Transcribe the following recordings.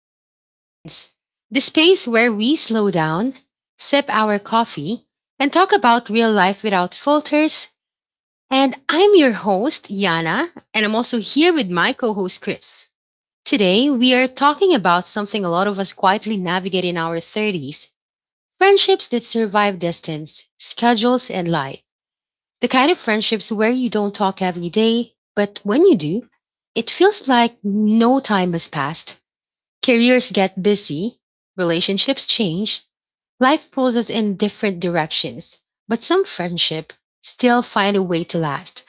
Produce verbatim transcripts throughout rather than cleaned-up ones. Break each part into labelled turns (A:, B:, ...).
A: and Confessions, the space where we slow down, sip our coffee, and talk about real life without filters. And I'm your host, Yana, and I'm also here with my co host, Chris. Today, we are talking about something a lot of us quietly navigate in our thirties, friendships that survive distance, schedules, and life. The kind of friendships where you don't talk every day, but when you do, it feels like no time has passed. Careers get busy, relationships change, life pulls us in different directions, but some friendship still find a way to last.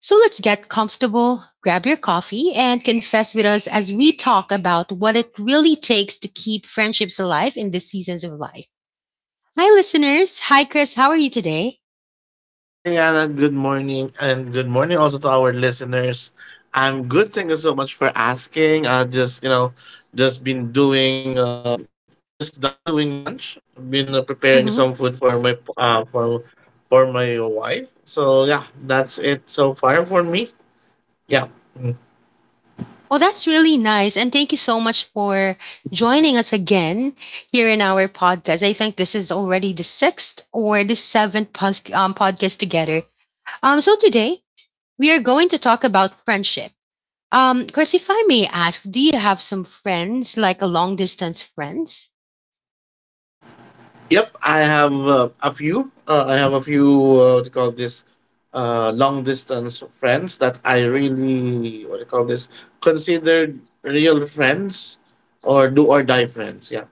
A: So let's get comfortable, grab your coffee, and confess with us as we talk about what it really takes to keep friendships alive in the seasons of life. Hi, listeners. Hi, Chris. How are you today?
B: Hi, Anna. Good morning. And good morning also to our listeners. I'm good. Thank you so much for asking. I just, you know, just been doing, um, just done doing lunch. Been uh, preparing some food for my, uh, for, for my wife. So yeah, that's it so far for me. Yeah.
A: Well, that's really nice. And thank you so much for joining us again here in our podcast. I think this is already the sixth or the seventh pos- um, podcast together. Um, so today we are going to talk about friendship. Um, Chris, if I may ask, do you have some friends, like a long distance friends?
B: Yep, I have uh, a few. Uh, I have a few. Uh, what do you call this? Uh, long distance friends that I really what do you call this? Considered real friends or do or die friends. Yeah,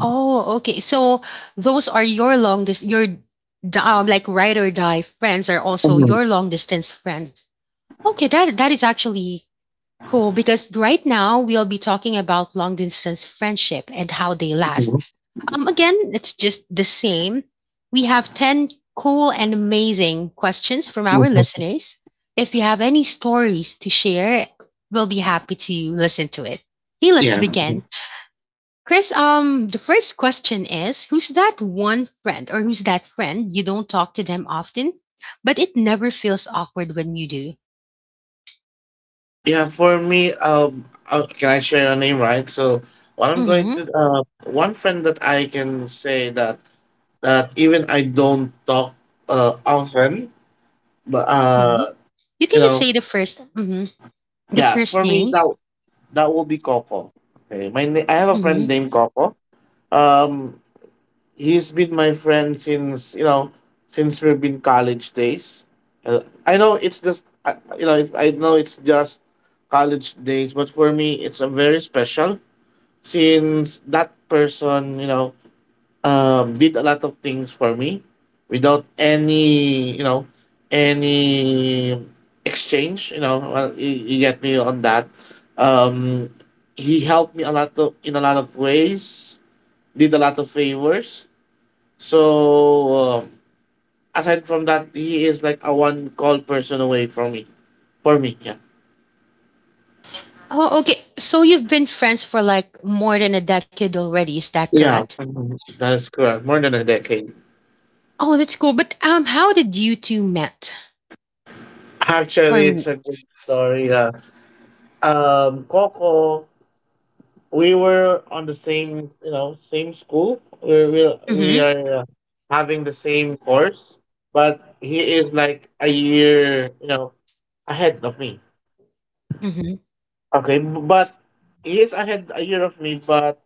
A: Oh, okay. So those are your long distance, your d- um, like ride or die friends are also your long distance friends. Okay, that that is actually cool, because right now we'll be talking about long distance friendship and how they last. Um, again, it's just the same. We have ten cool and amazing questions from our listeners. If you have any stories to share, we'll be happy to listen to it. Okay, let's
B: yeah,
A: begin. Chris, um, the first question is, who's that one friend, or who's that friend you don't talk to them often, but it never feels awkward when you do?
B: yeah. For me, um, uh, can I share your name? Right. So what I'm going
A: Hmm.
B: to uh, one friend that I can say that that even I don't talk uh often, but uh,
A: You
B: you
A: can just
B: know,
A: say the first. The
B: yeah.
A: first
B: For me
A: name?
B: that that will be Coco. Okay, my na- I have a friend
A: Mhm.
B: named Coco. Um, he's been my friend since you know since we've been college days. Uh, I know it's just I you know it's, I know it's just college days, but for me it's a very special since that person you know um, did a lot of things for me without any, you know, any exchange. You know, well, you, you get me on that. Um, he helped me a lot of, in a lot of ways, did a lot of favors. So um, aside from that, he is like a one call person away from me. For me, yeah.
A: Oh, okay. So you've been friends for like more than a decade already. Is that
B: Yeah,
A: correct?
B: mhm. That is correct. More than a decade.
A: Oh, that's cool. But um, how did you two met or
B: Actually, it's
A: meet?
B: a good story. Yeah. Um, Coco, we were on the same you know same school we we, we
A: Mm-hmm.
B: are uh, having the same course, but he is like a year you know ahead of me,
A: Mm-hmm.
B: okay, b- but he is ahead a year of me, but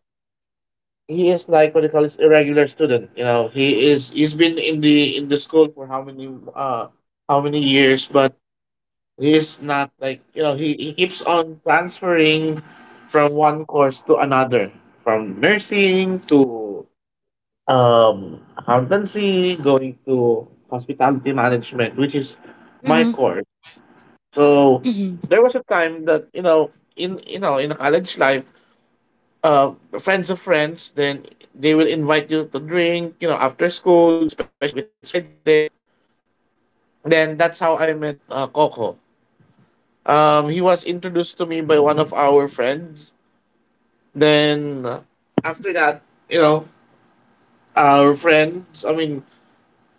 B: he is like what they call this irregular student, you know, he is he's been in the in the school for how many uh how many years, but he is not like you know he, he keeps on transferring from one course to another, from nursing to um, accountancy, going to hospitality management, which is my
A: Mm-hmm.
B: course. So
A: Mm-hmm.
B: there was a time that you know, in you know, in a college life, uh, friends of friends, then they will invite you to drink, you know, after school, especially if it's Friday. Then that's how I met uh, Coco. Um, he was introduced to me by one of our friends. Then uh, after that, you know, our friends, I mean,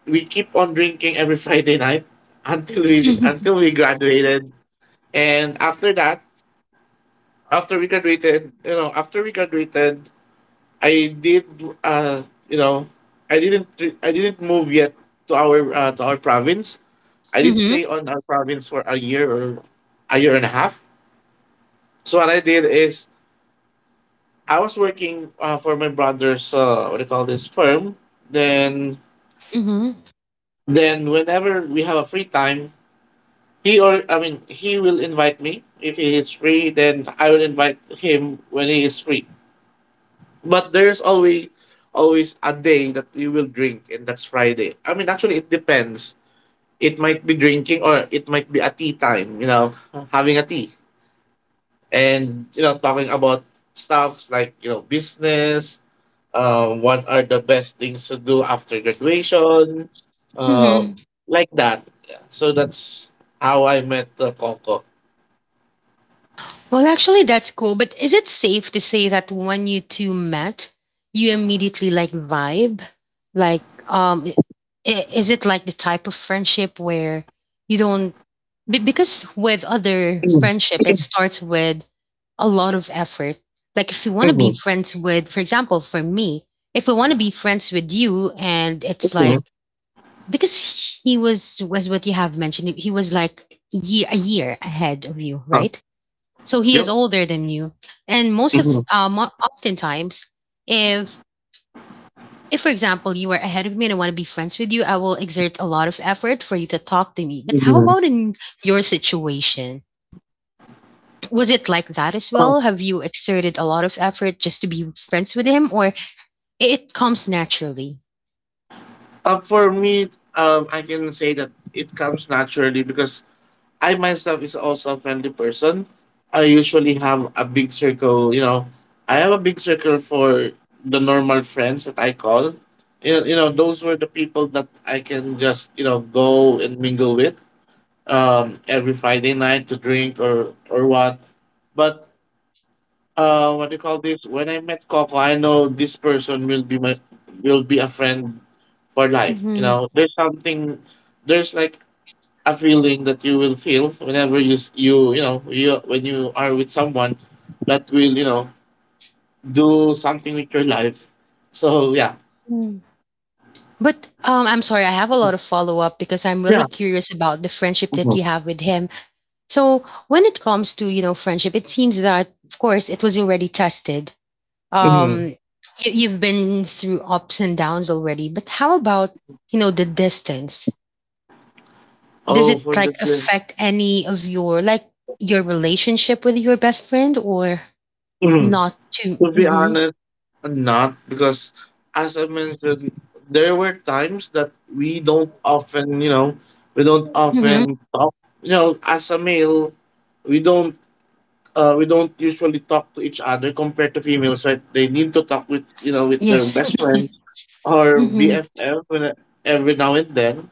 B: we keep on drinking every Friday night until we
A: Mm-hmm.
B: until we graduated. And after that, after we graduated, you know, after we graduated, I did uh you know, I didn't re- I didn't move yet to our uh, to our province. I did
A: Mm-hmm.
B: stay on our province for a year or a year and a half. So what I did is I was working uh, for my brother's uh, what do you call this firm. Then
A: Mm-hmm.
B: then whenever we have a free time, He or I mean, he will invite me if he is free. Then I will invite him when he is free. But there's always always a day that we will drink, and that's Friday. I mean, actually, it depends. It might be drinking or it might be a tea time. You know, having a tea and you know talking about stuffs like you know business. Um, what are the best things to do after graduation? Um,
A: Mm-hmm.
B: like that. Yeah. So that's how I met the Coco.
A: Well, actually, that's cool. But is it safe to say that when you two met, you immediately like vibe? Like, um, i- i- is it like the type of friendship where you don't? be- Because with other
B: Mm,
A: friendship, it starts with a lot of effort. Like, if you want to be
B: mm.
A: friends with, for example, for me, if I want to be friends with you, and it's
B: Mhm.
A: like, because he was, was what you have mentioned, he was like year a year ahead of you,
B: Uh,
A: right? So he is
B: yep.
A: older than you, and most of
B: Mhm.
A: uh, mo- oftentimes, if if for example you are ahead of me and I want to be friends with you, I will exert a lot of effort for you to talk to me. But how
B: Mhm.
A: about in your situation, was it like that as
B: Oh.
A: well? Have you exerted a lot of effort just to be friends with him, or it comes naturally?
B: Uh, for me, um, I can say that it comes naturally because I myself is also a friendly person. I usually have a big circle. You know, I have a big circle for the normal friends that I call. You know, you know, those were the people that I can just you know go and mingle with um, every Friday night to drink or or what. But uh what do you call this? When I met Coco, I know this person will be my will be a friend for life. You
A: Mhm.
B: know, there's something there's like a feeling that you will feel whenever you s- you you know you when you are with someone that will you know do something with your life. So yeah,
A: Mm. But um, I'm sorry, I have a lot of follow up because I'm really
B: yeah.
A: curious about the friendship that
B: Mhm.
A: you have with him. So when it comes to you know friendship, it seems that of course it was already tested.
B: Mm-hmm.
A: Um, you, you've been through ups and downs already, but how about you know the distance? Does
B: Oh,
A: it
B: for
A: like
B: the,
A: affect any of your like your relationship with your best friend or
B: the
A: not too?
B: to be
A: Mm-hmm.
B: honest, not because, as I mentioned, there were times that we don't often, you know, we don't
A: Mm-hmm.
B: often talk. You know, as a male, we don't uh, we don't usually talk to each other compared to females, right? They need to talk with you know with their
A: Yes.
B: best friends or
A: Mm-hmm.
B: B F F when- every now and then.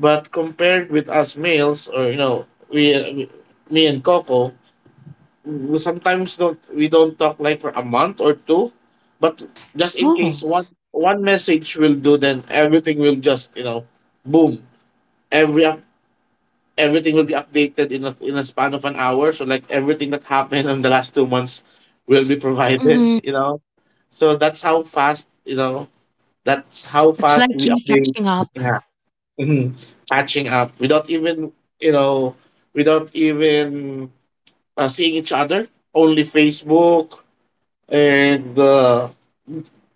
B: But compared with us males, or you know, we uh, me and Coco, we sometimes don't we don't talk like for a month or two, but just in case
A: Oh.
B: one one message will do, then everything will just you know boom, every up- everything will be updated in a in a span of an hour, so like everything that happened in the last two months will be provided
A: Mm-hmm.
B: you know. So that's how fast you know that's how
A: It's
B: fast
A: like
B: we
A: you
B: update.
A: catching up.
B: Yeah. Mhm. Catching up without even you know without even uh, seeing each other, only Facebook, and uh,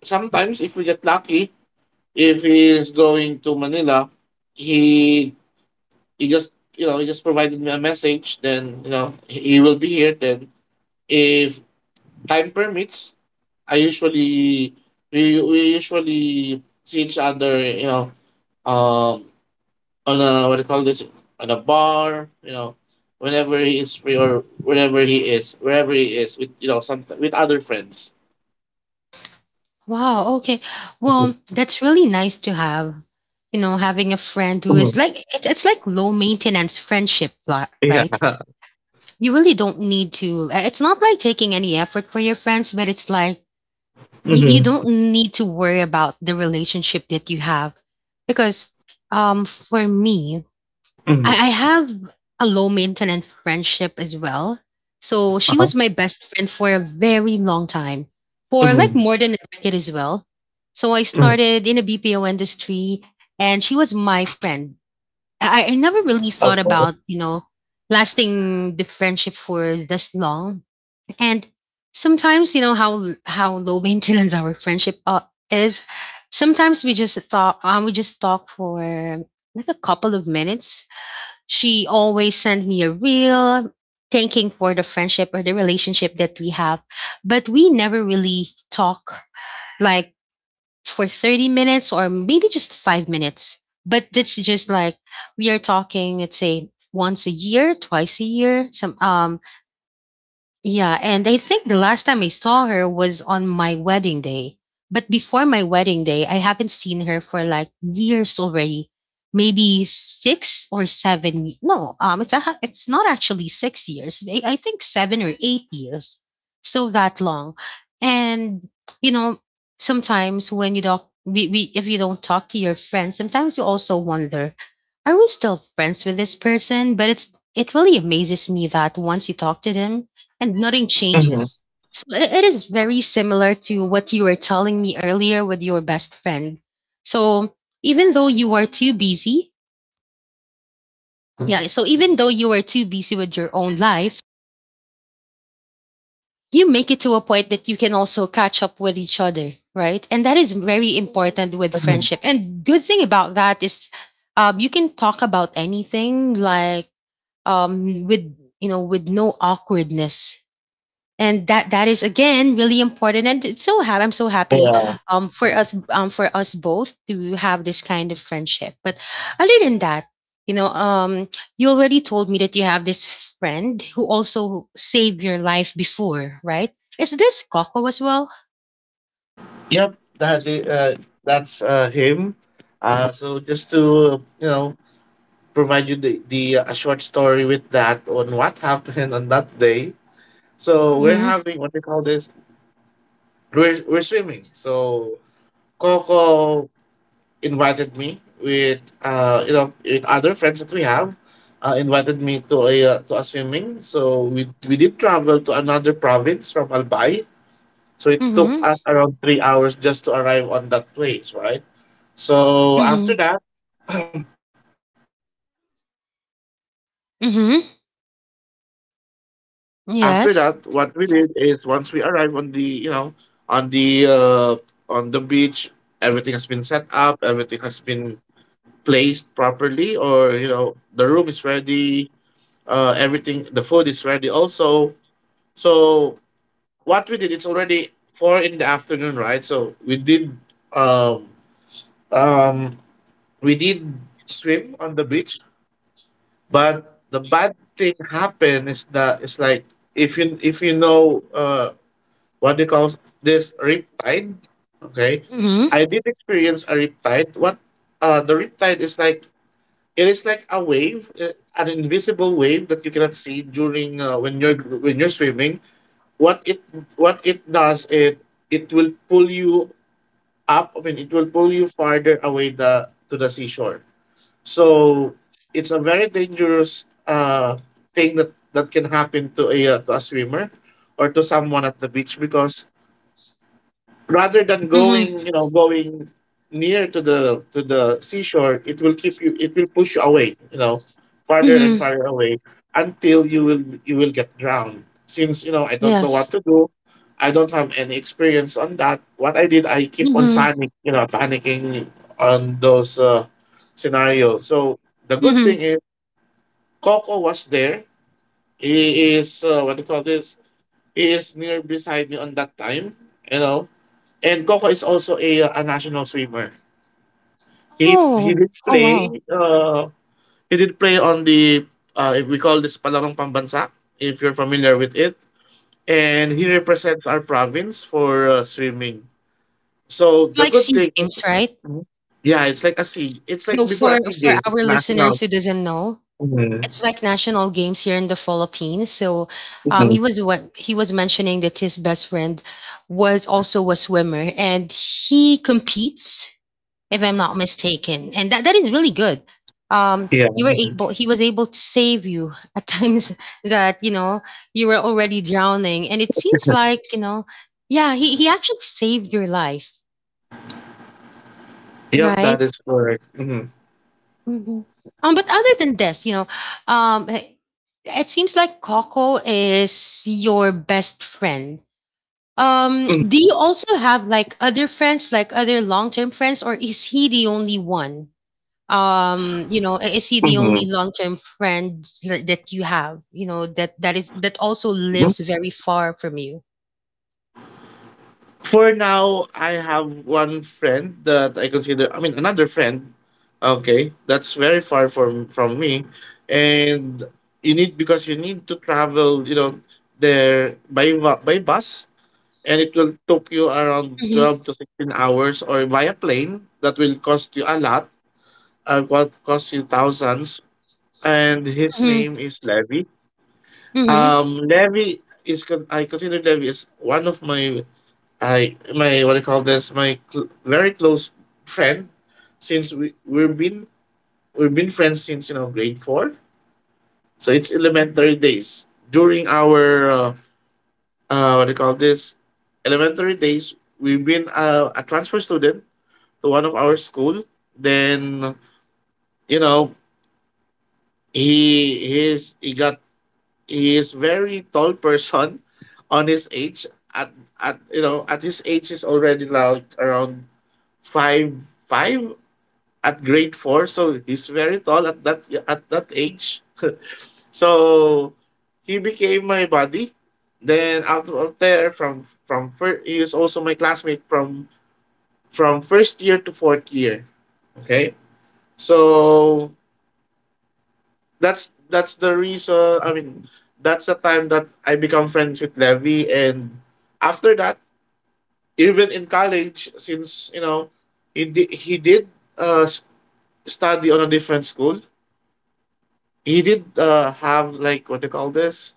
B: sometimes, if we get lucky, if he's going to Manila, he he just you know he just provided me a message. Then you know he he will be here. Then if time permits, I usually we we usually see each other. You know, um, on a what do you call this? On a bar. You know, whenever he is free or whenever he is, wherever he is, with you know some with other friends.
A: Wow, okay. Well, that's really nice to have. You know, having a friend who is
B: Mhm.
A: like it, it's like low maintenance friendship, li- right?
B: Yeah.
A: You really don't need to. uh, It's not like taking any effort for your friends, but it's like you, you don't need to worry about the relationship that you have because um for me, I, I
B: Mm-hmm.
A: have a low maintenance friendship as well. So she was my best friend for a very long time, for like more
B: Mm,
A: than a decade as well. So I
B: mm,
A: started in a B P O industry and she was my friend. I, I never really thought
B: okay.
A: about, you know, lasting the friendship for this long. And sometimes, you know, how how low maintenance our friendship uh, is. Sometimes we just thought, um, we just talk for like a couple of minutes. She always sends me a reel thanking for the friendship or the relationship that we have. But we never really talk like for thirty minutes or maybe just five minutes. But it's just like we are talking, let's say once a year, twice a year, some um, yeah, and I think the last time I saw her was on my wedding day. But before my wedding day, I haven't seen her for like years already. Maybe six or seven. y- No, um, it's a, ha- it's not actually six years. I, I think seven or eight years. So that long, and you know, sometimes when you don't, we, we if you don't talk to your friends, sometimes you also wonder, are we still friends with this person? But it's it really amazes me that once you talk to them and nothing changes. So i- it is very similar to what you were telling me earlier with your best friend. So even though you are too busy, yeah, so even though you are too busy with your own life, you make it to a point that you can also catch up with each other, right? And that is very important with friendship. And good thing about that is um, you can talk about anything like um, with you know with no awkwardness, and that that is again really important, and it's so ha- I'm so happy
B: Yeah.
A: um for us, um for us both to have this kind of friendship. But other than that, you know, um, you already told me that you have this friend who also saved your life before, right? Is this Coco as well?
B: Yep. That the uh, that's uh, him. Uh, so just to uh, you know provide you the the uh, a short story with that on what happened on that day. So we're
A: Mm-hmm.
B: having what they call this. We're we're swimming. So Coco invited me with uh you know with other friends that we have. Uh, invited me to a uh, to a swimming. So we we did travel to another province from Albay. So it took us
A: Mm-hmm.
B: around three hours just to arrive on that place, right? So after
A: Mm-hmm.
B: that,
A: Mm-hmm.
B: after
A: Yes.
B: that, what we did is once we arrived on the, you know, on the uh, on the beach, everything has been set up, everything has been placed properly, or you know, the room is ready, uh, everything, the food is ready also. So what we did, it's already four in the afternoon, right? So we did, um, um, we did swim on the beach. But the bad thing happen is that it's like if you if you know uh what they call this riptide, okay. I
A: Mm-hmm.
B: did experience a riptide. What uh the riptide is like, it is like a wave, uh, an invisible wave that you cannot see during uh, when you're when you're swimming. What it what it does it, it will pull you up. I mean, it will pull you farther away the to the seashore. So it's a very dangerous uh, thing that, that can happen to a uh, to a swimmer or to someone at the beach because rather than going
A: Mm-hmm.
B: you know going near to the to the seashore, it will keep you, it will push you away you know farther and
A: Mm-hmm.
B: farther away until you will you will get drowned since you know I don't know what
A: Yes.
B: to do. I don't have any experience on that. What I did, I keep on
A: Mm-hmm.
B: panic you know panicking on those uh, scenarios. So the good thing
A: Mm-hmm.
B: is Coco was there. He is uh, what do you call this, he is near beside me on that time, you know, and Coco is also a, a national swimmer. He he
A: Oh.
B: did
A: Oh, wow.
B: play uh he did play on the uh if we call this palarong pambansa, if you're familiar with it. And he represents our province for uh, swimming. So
A: It's
B: the
A: like
B: good
A: SEA
B: thing.
A: Games, right?
B: Mhm. Yeah, it's like a sea. It's like
A: So
B: before
A: for
B: a sea
A: for
B: games.
A: our
B: It's
A: listeners
B: national.
A: who doesn't know,
B: Mhm.
A: it's like national games here in the Philippines. So um,
B: Mhm.
A: he was what he was mentioning that his best friend was also a swimmer and he competes, if I'm not mistaken. And that, that is really good. Um,
B: Yeah.
A: you were able he was able to save you at times that, you know, you were already drowning. And it seems like, you know, yeah, he, he actually saved your life.
B: Yep.
A: Right.
B: That is correct. Mm-hmm.
A: Mhm. Um, but other than this, you know, um, eh, it seems like Coco is your best friend. Um,
B: Mm-hmm.
A: do you also have like other friends, like other long-term friends, or is he the only one? Um, you know, i- is he the
B: Mm-hmm.
A: only long-term friend tha- that you have? You know, that that is that also lives very far from you.
B: For now, I have one friend that I consider, I mean, another friend, okay, that's very far from from me, and you need because you need to travel, you know, there by va- by bus, and it will take you around
A: Mm-hmm.
B: twelve to sixteen hours, or via plane that will cost you a lot, uh, what cost you thousands, and his
A: Mm-hmm.
B: name is Levy.
A: Mm-hmm.
B: Um, Levy is con- I consider Levy is one of my I my what do you call this? My cl- very close friend since we we've been we've been friends since you know grade four. So it's elementary days. During our uh, uh what do you call this? Elementary days, we've been uh, a transfer student to one of our school. Then you know he he is he got he is very tall person on his age at at you know at his age is already like around five five at grade four, so he's very tall at that at that age. So he became my buddy. Then out of there, from from first, he is also my classmate from from first year to fourth year. Okay, so that's that's the reason. I mean, that's the time that I become friends with Levi, and after that, even in college, since you know, he did he did uh s- study on a different school he did uh, have like what do you call this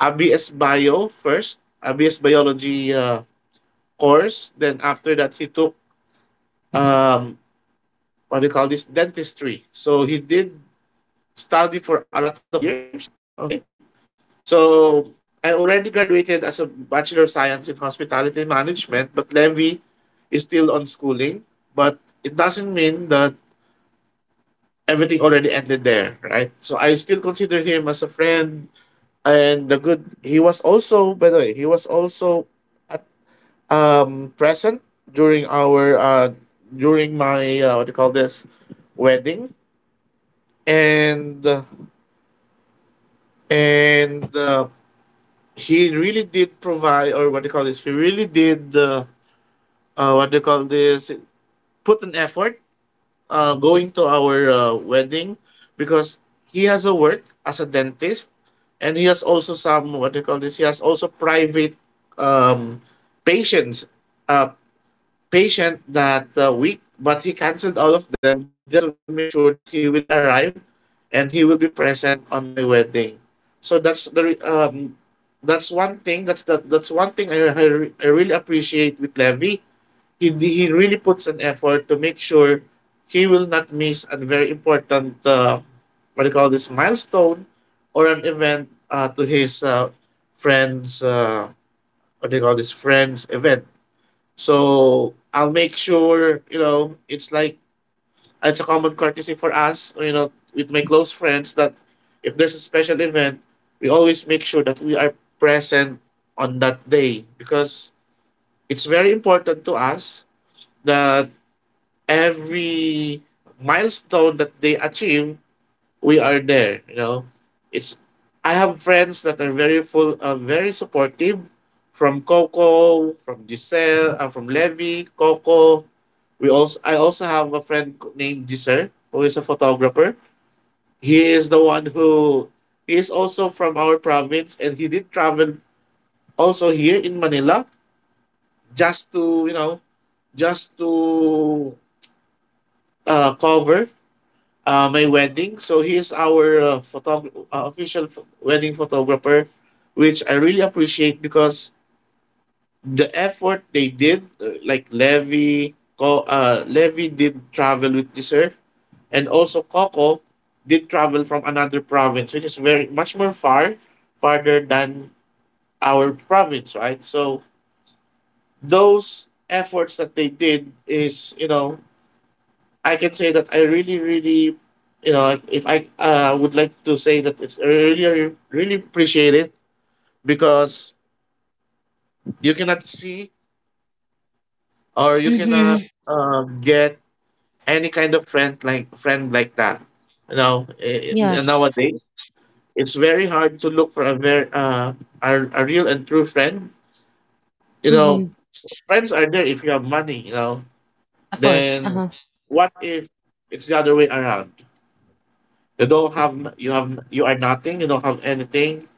B: abs bio first abs biology uh, course. Then after that he took um what do you call this, dentistry. So he did study for a lot of years. Okay, so I already graduated as a bachelor of science in hospitality management, but Levy is still on schooling. But it doesn't mean that everything already ended there, right? So I still consider him as a friend. And the good, he was also, by the way, he was also at, um present during our uh during my uh, what do you call this, wedding. And uh, and uh, he really did provide, or what do you call this, he really did, uh, uh what do you call this, put an effort uh, going to our uh, wedding, because he has a work as a dentist, and he has also some, what do you call this, he has also private um patients, uh patient that uh, week, but he canceled all of them just to make sure that he will arrive and he will be present on my wedding. So that's the re- um that's one thing, that's that, that's one thing I, I, I really appreciate with Levy. He he really puts an effort to make sure he will not miss a very important, uh, what do you call this, milestone or an event, uh, to his, uh, friends, uh, what do you call this, friends event. So I'll make sure, you know it's like, it's a common courtesy for us, you know with my close friends, that if there's a special event, we always make sure that we are present on that day, because it's very important to us that every milestone that they achieve, we are there. You know, it's I have friends that are very full, uh, very supportive, from Coco, from Giselle, uh, from Levy, Coco. We also I also have a friend named Giselle who is a photographer. He is the one who he is also from our province, and he did travel also here in Manila, just to, you know just to uh, cover uh, my wedding. So he is our, uh, photog- uh, official ph- wedding photographer, which I really appreciate, because the effort they did, uh, like Levy, Co- uh, Levy did travel with Dessert, and also Coco did travel from another province, which is very much more far, farther than our province, right? So those efforts that they did is, you know I can say that I really, really, you know, like, if I uh, would like to say that it's I really, really appreciate it, because you cannot see, or you cannot,
A: Mm-hmm.
B: um, get any kind of friend, like friend like that. You know, i- i-
A: Yes.
B: nowadays it's very hard to look for a very, uh, a, a real and true friend. You know,
A: Mm-hmm.
B: friends are there if you have money. You know,
A: Of course.
B: then
A: Uh-huh.
B: what if it's the other way around? You don't have you have you are nothing. You don't have anything,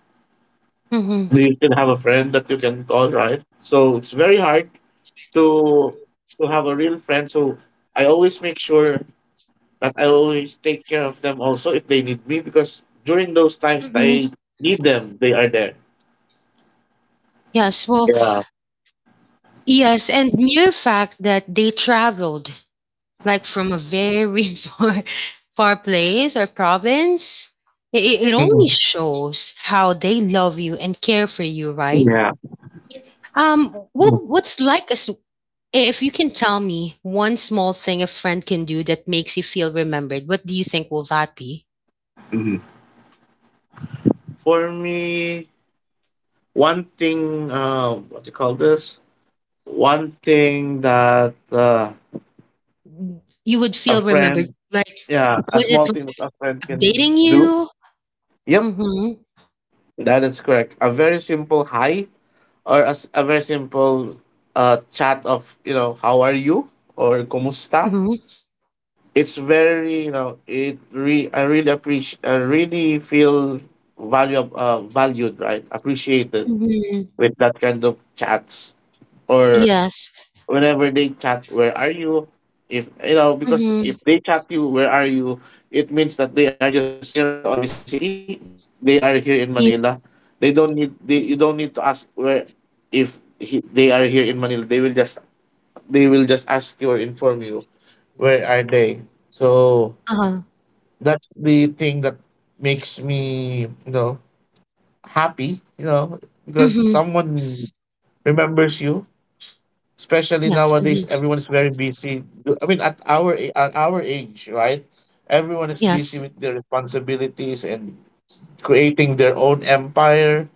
A: Mm-hmm.
B: you can have a friend that you can call, right? So it's very hard to to have a real friend. So I always make sure that I always take care of them also if they need me, because during those times that
A: Mm-hmm.
B: I need them, they are there.
A: Yes. Well,
B: Yeah.
A: yes, and mere fact that they traveled like from a very far, far place or province, it, it only
B: Mhm.
A: shows how they love you and care for you, right?
B: Yeah.
A: Um, what what's like as, if you can tell me one small thing a friend can do that makes you feel remembered, what do you think will that be?
B: Mhm. For me, one thing, uh, what do you call this? One thing that, uh,
A: Mm, you would
B: a
A: feel remembered.
B: friend,
A: Like,
B: yeah, a
A: was it
B: small thing that
A: like
B: a friend can
A: updating
B: do.
A: you?
B: Yep,
A: Mm-hmm.
B: that is correct. A very simple hi, or as a very simple, uh, chat of, you know how are you, or kumusta.
A: Mm-hmm.
B: It's very, you know it re- I really appreciate, I really feel value uh, valued, right, appreciated,
A: Mm-hmm.
B: with that kind of chats. Or
A: Yes.
B: whenever they chat, where are you, if you know, because if
A: Mm-hmm.
B: they chat you, where are you, it means that they are just near on your vicinity, they are here in
A: Yeah.
B: Manila. They don't need they, you don't need to ask where, if he, they are here in Manila, they will just, they will just ask you or inform you where are they. So
A: Uh-huh.
B: that's the thing that makes me, you know happy, you know because
A: Mhm.
B: someone remembers you, especially
A: Yes.
B: nowadays
A: Mhm.
B: everyone is very busy. Do- I mean, at our, a- at our age, right? Everyone is busy
A: Yes.
B: with their responsibilities, and creating their own empire,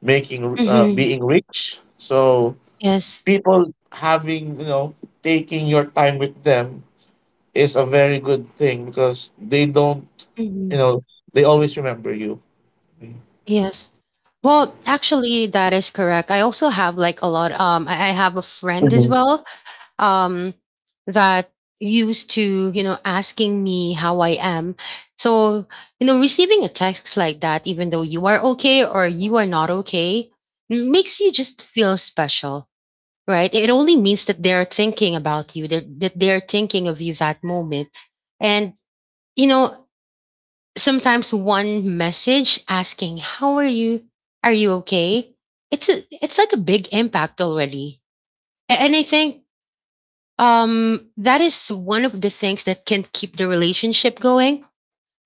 B: making uh,
A: Mhm.
B: being rich. So
A: Yes.
B: people, having you know taking your time with them is a very good thing, because they don't you
A: Mhm.
B: know they always remember you.
A: Yes. Well, actually, that is correct. I also have like a lot. Um, I, I have a friend as well. Um, that used to you know asking me how I am. So you know, receiving a text like that, even though you are okay or you are not okay, makes you just feel special, right? It only means that they're thinking about you. They're, that they're thinking of you that moment, and you know sometimes one message asking how are you, are you okay, it's a, it's like a big impact already. A- and I think um that is one of the things that can keep the relationship going,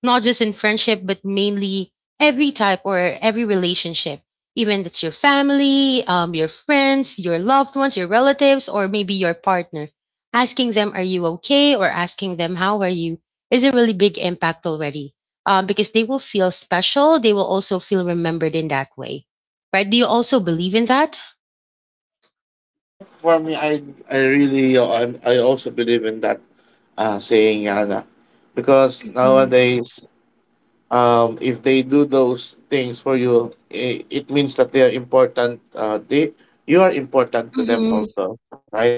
A: not just in friendship, but mainly every type or every relationship. Even it's your family, um, your friends, your loved ones, your relatives, or maybe your partner. Asking them, are you okay? Or asking them, how are you? Is a really big impact already. Um, because they will feel special. They will also feel remembered in that way. Right? Do you also believe in that?
B: Yep, for me, I, I really uh, I, I also believe in that, uh, saying, Yana, because
A: Mhm.
B: nowadays, um, if they do those things for you, it, it means that they are important. Uh, they you are important to them
A: Mhm.
B: also, right?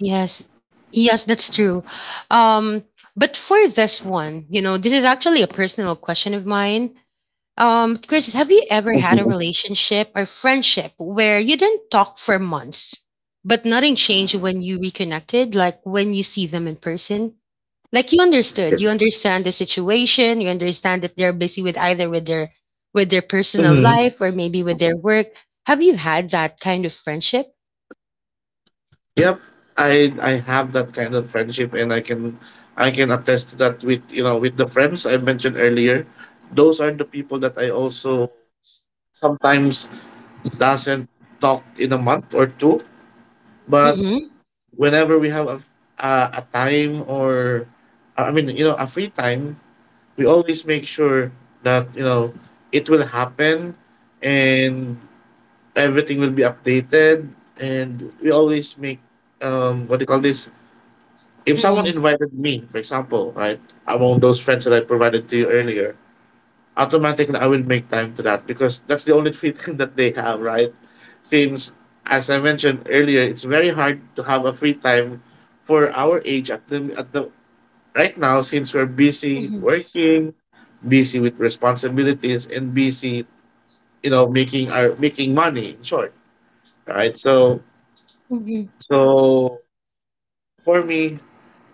A: Yes. Yes, that's true. Um, but for this one, you know, this is actually a personal question of mine. Um, Chris, have you ever had
B: Mhm.
A: a relationship or friendship where you didn't talk for months, but nothing changed when you reconnected, like when you see them in person? Like you understood, you understand the situation, you understand that they're busy with either with their with their personal
B: Mm-hmm.
A: life or maybe with their work. Have you had that kind of friendship?
B: Yep, I I have that kind of friendship, and I can I can attest to that, with, you know with the friends I mentioned earlier. Those are the people that I also sometimes doesn't talk in a month or two, but
A: Mm-hmm.
B: whenever we have a, a, a time, or I mean, you know, a free time, we always make sure that, you know, it will happen, and everything will be updated. And we always make, um what do you call this? If someone invited me, for example, right? Among those friends that I provided to you earlier, automatically I will make time to that, because that's the only freedom that they have, right? Since, as I mentioned earlier, it's very hard to have a free time for our age, at the at the right now, since we're busy
A: Mm-hmm.
B: working, busy with responsibilities, and busy, you know, making our, making money. In short, right? So, so for me,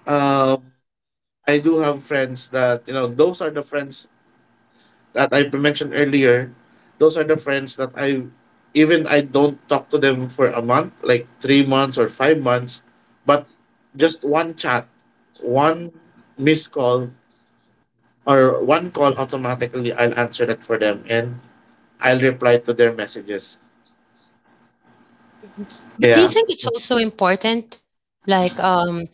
B: um, I do have friends that, you know those are the friends that I mentioned earlier, those are the friends that, I even I don't talk to them for a month, like three months or five months, but just one chat, one missed call, or one call, automatically I'll answer that for them, and I'll reply to their messages.
A: Mhm. But do you
B: Yeah.
A: think it's also important, like, um,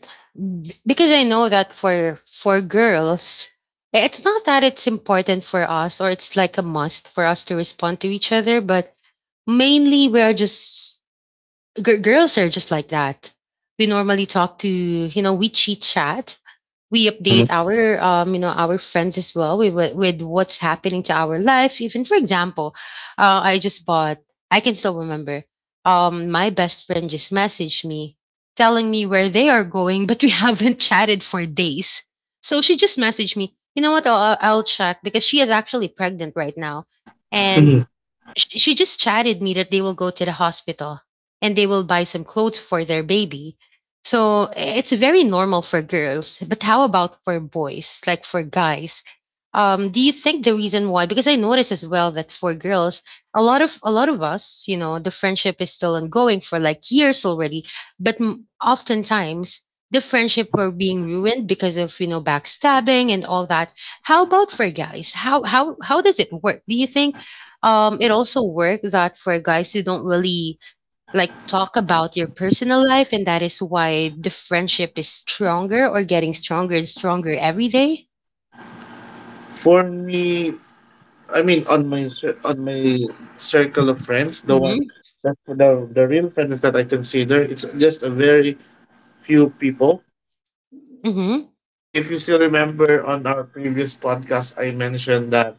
A: b- because I know that for for girls, i- it's not that it's important for us or it's like a must for us to respond to each other, but mainly we are just g- girls are just like that. We normally talk to you know we chit chat we
B: Mm-hmm.
A: update our um, you know our friends as well with, with with what's happening to our life even for example uh, I just bought I can still remember um, my best friend just messaged me telling me where they are going but we haven't chatted for days so she just messaged me you know what i'll, I'll I'll check because she is actually pregnant right now and
B: Mm-hmm.
A: Sh she just chatted me that they will go to the hospital and they will buy some clothes for their baby. So eh, it's very normal for girls, but how about for boys, like for guys? Um, do you think the reason why? Because I notice as well that for girls, a lot of a lot of us, you know, the friendship is still ongoing for like years already, but m- oftentimes the friendship were being ruined because of you know backstabbing and all that. How about for guys? How how how does it work? Do you think? um it also worked that for guys who don't really like talk about your personal life and that is why the friendship is stronger or getting stronger and stronger every day.
B: For me, I mean, on my cir- on my circle of friends, the one
A: Mm-hmm.
B: that the the real friends that I consider, it's just a very few people.
A: Mm-hmm.
B: If you still remember on our previous podcast, I mentioned that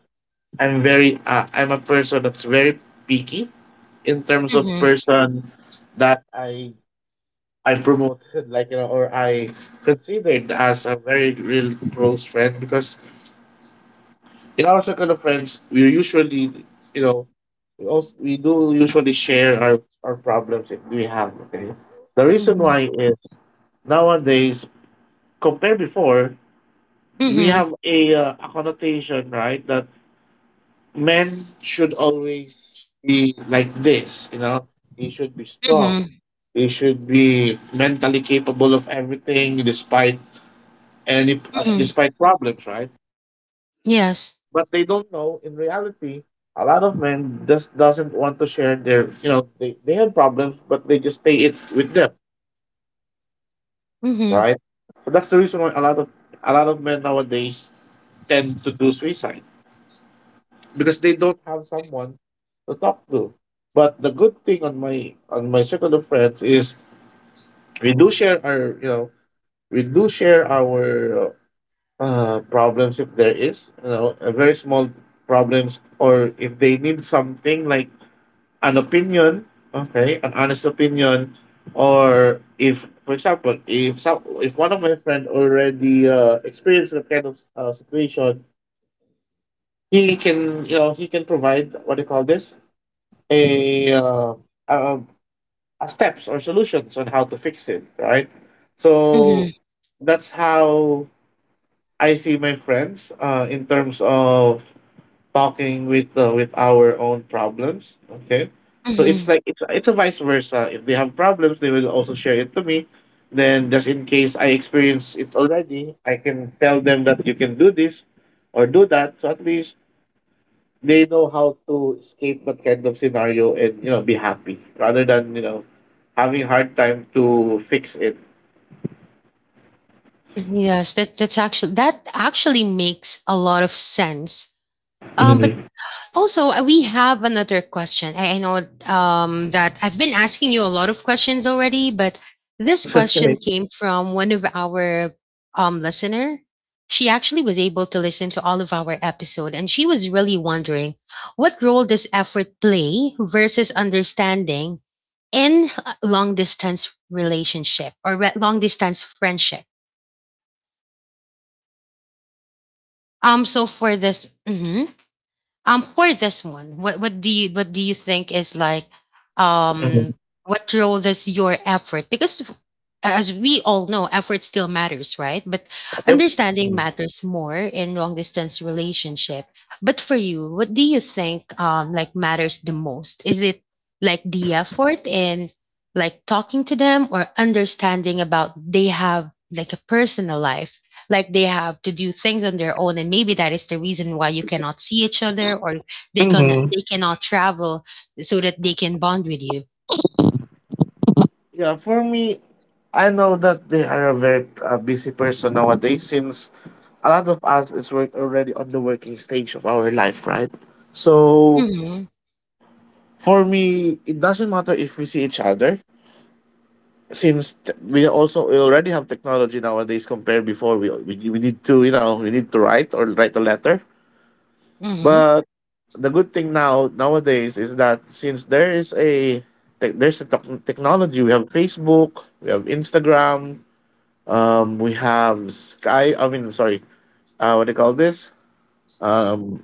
B: I'm very, uh, I'm a person that's very picky, in terms of
A: Mm-hmm.
B: person that I I promoted, like, you know, or I considered as a very real close friend. Because in our circle of friends, we usually, you know, we also we do usually share our our problems if we have. Okay, the reason
A: Mm-hmm.
B: why is, nowadays, compared before, we
A: Mm-hmm.
B: have a, uh, a connotation, right, that men should always be like this, you know. He should be strong.
A: Mm-hmm.
B: He should be mentally capable of everything, despite any,
A: Mm-hmm.
B: despite problems, right?
A: Yes.
B: But they don't know in reality, a lot of men just doesn't want to share their, you know, they, they have problems, but they just stay it with them,
A: Mm-hmm.
B: right? So that's the reason why a lot of a lot of men nowadays tend to do suicide, because they don't have someone to talk to. But the good thing on my, on my circle of friends is, we do share our you know we do share our, uh, problems, if there is, you know a very small problems, or if they need something like an opinion. Okay, an honest opinion, or if, for example, if some if one of my friend already, uh, experienced that kind of, uh, situation, he can, you know he can provide, what do you call this, a, uh, uh, a steps or solutions on how to fix it, right? So
A: Mm-hmm.
B: that's how I see my friends, uh, in terms of talking with, uh, with our own problems. Okay, so it's
A: Mm-hmm.
B: like, it's it's a vice versa. If they have problems, they will also share it to me. Then just in case I experience it already, I can tell them that you can do this or do that. So at least they know how to escape that kind of scenario, and, you know be happy, rather than, you know having hard time to fix it.
A: Yes, that that's actually that actually makes a lot of sense. Um but
B: Mm-hmm.
A: also, uh, we have another question. I, I know um, that I've been asking you a lot of questions already, but this
B: That's okay.
A: question came from one of our um, listener. She actually was able to listen to all of our episode, and she was really wondering what role does effort play versus understanding in long distance relationship or re- long distance friendship. Um, so for this, Mhm. Um, for this one, what what do you what do you think is like
B: Mm-hmm.
A: um what role does your effort because f- as we all know, effort still matters, right? But
B: Yep.
A: understanding matters more in long distance relationship. But for you, what do you think um like matters the most? Is it like the effort in like talking to them or understanding about they have like a personal life like they have to do things on their own and maybe that is the reason why you cannot see each other or they can
B: Mm-hmm.
A: they cannot travel so that they can bond with you.
B: Yeah, for me, I know that they are a very uh, busy person nowadays, since a lot of us is work already on the working stage of our life, right? So
A: Hmm.
B: for me, it doesn't matter if we see each other, since t- we also we already have technology nowadays. Compared before, we, we we need to, you know, we need to write or write a letter.
A: Hmm.
B: But the good thing now nowadays is that, since there is a tech there's a tech- technology, we have Facebook, we have Instagram, um we have sky I mean sorry uh what do you call this um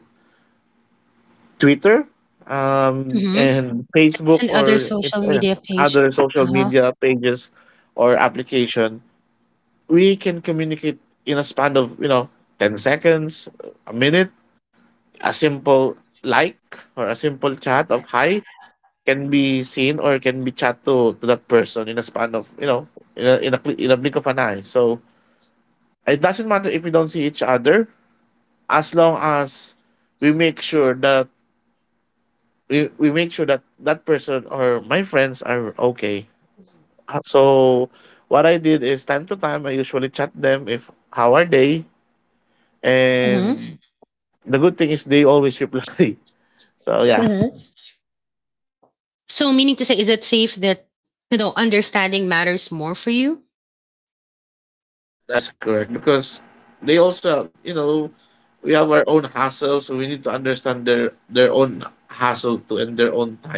B: Twitter, um
A: Hmm.
B: and Facebook,
A: And other
B: or if-
A: social
B: uh,
A: media page.
B: other social
A: Uh-huh.
B: media pages or application. We can communicate in a span of, you know, ten seconds, a minute, a simple, like, or a simple chat of hi can be seen or can be chat to, to that person in a span of, you know, in a, in a cl- in a blink of an eye. So it doesn't matter if we don't see each other, as long as we make sure that we, we make sure that that person or my friends are okay. Uh, so what I did is, time to time, I usually chat them if how are they.
A: Hmm.
B: And the good thing is they always reply. So yeah.
A: Hmm. So meaning to say is it safe that you know understanding matters more for you.
B: Yep, that is correct, because they also have, you know, we have our own hassle, so we need to understand their their own hassle to and their own time.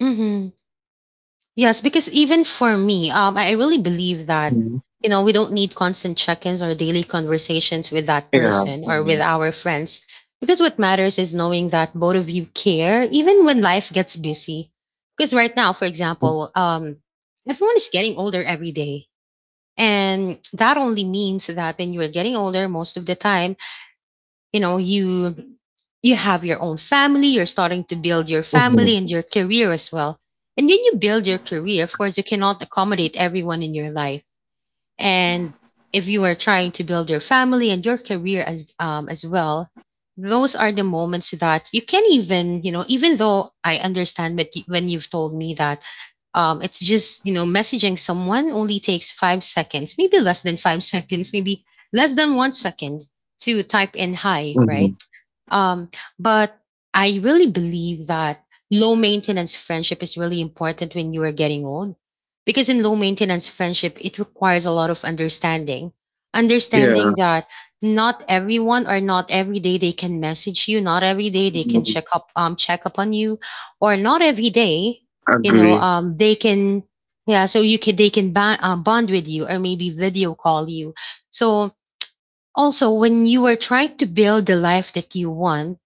A: Hmm. Yes, because even for me, um, I I really believe that,
B: Mhm.
A: you know, we don't need constant check ins or daily conversations with that
B: Yeah.
A: person or
B: Mhm.
A: with our friends. Because what matters is knowing that both of you care, even when life gets busy. Because right now, for example, um, everyone is getting older every day. And that only means that when you are getting older, most of the time, you know you you have your own family you're starting to build your
B: Mhm.
A: family and your career as well and when you build your career of course you cannot accommodate everyone in your life and if you are trying to build your family and your career as um, as well those are the moments that you can even you know even though I understand that y- when you've told me that um, it's just you know messaging someone only takes five seconds maybe less than five seconds maybe less than one second to type in hi
B: Mhm.
A: right. um, but I really believe that low maintenance friendship is really important when you are getting old. Because in low maintenance friendship, it requires a lot of understanding. Understanding
B: Yeah.
A: that not everyone or not every day they can message you, not every day they can
B: Mhm.
A: check up um check up on you, or not every day, you know,
B: Agree.
A: um they can yeah, so you can they can bond, uh, bond with you or maybe video call you. So also when you are trying to build the life that you want,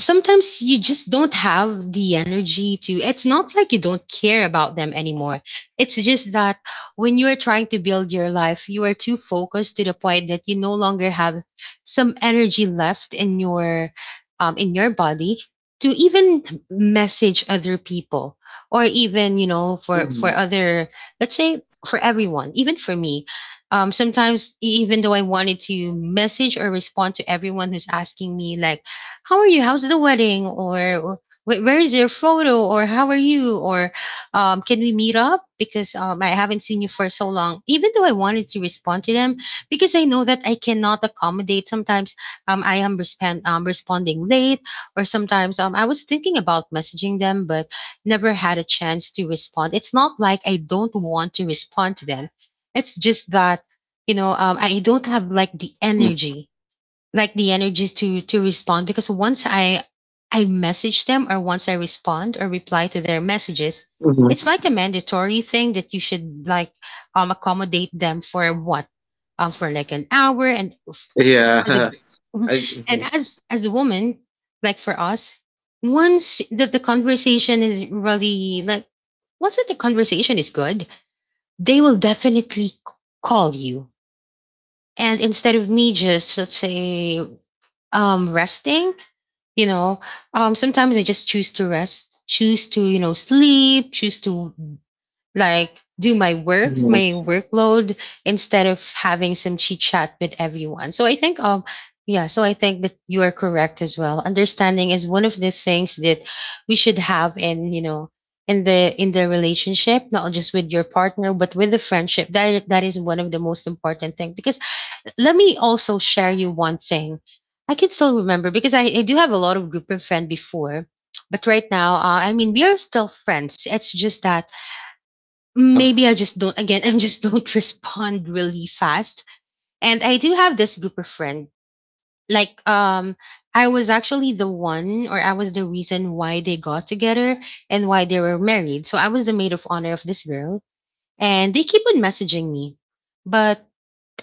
A: sometimes you just don't have the energy to it's not like you don't care about them anymore it's just that when you are trying to build your life you are too focused to the point that you no longer have some energy left in your um in your body to even message other people or even you know for
B: Mhm.
A: for other let's say for everyone even for me um sometimes e-, even though I wanted to message or respond to everyone who's asking me like how are you? How's the wedding? Or wh- where is your photo? Or how are you? Or um, can we meet up? Because um, I haven't seen you for so long. Even though I wanted to respond to them, because I know that I cannot accommodate. Sometimes um, I am respond um, responding late, or sometimes um, I was thinking about messaging them, but never had a chance to respond. It's not like I don't want to respond to them. It's just that you know um, I don't have like the energy like the energies to to respond because once i I message them or once I respond or reply to their messages
B: Mhm.
A: it's like a mandatory thing that you should like um accommodate them for what um for like an hour and f- as a
B: Yeah.
A: gr- Mhm.
B: I.
A: And
B: Mhm.
A: as as a woman like for us once that the conversation is really like once that the conversation is good they will definitely c- call you and instead of me just let's say um resting you know um sometimes I just choose to rest choose to you know sleep choose to like do my work
B: Mhm.
A: my workload instead of having some chit chat with everyone so I think um yeah so I think that you are correct as well understanding is one of the things that we should have in you know in the in the relationship not just with your partner but with the friendship that that is one of the most important thing because let me also share you one thing. I can still remember because I, I do have a lot of group of friends before, but right now, uh, I mean, we are still friends. It's just that
B: Uh,
A: maybe I just don't, again, I just don't respond really fast. And I do have this group of friend. Like, um, I was actually the one, or I was the reason why they got together and why they were married. So I was the maid of honor of this girl, and they keep on messaging me. But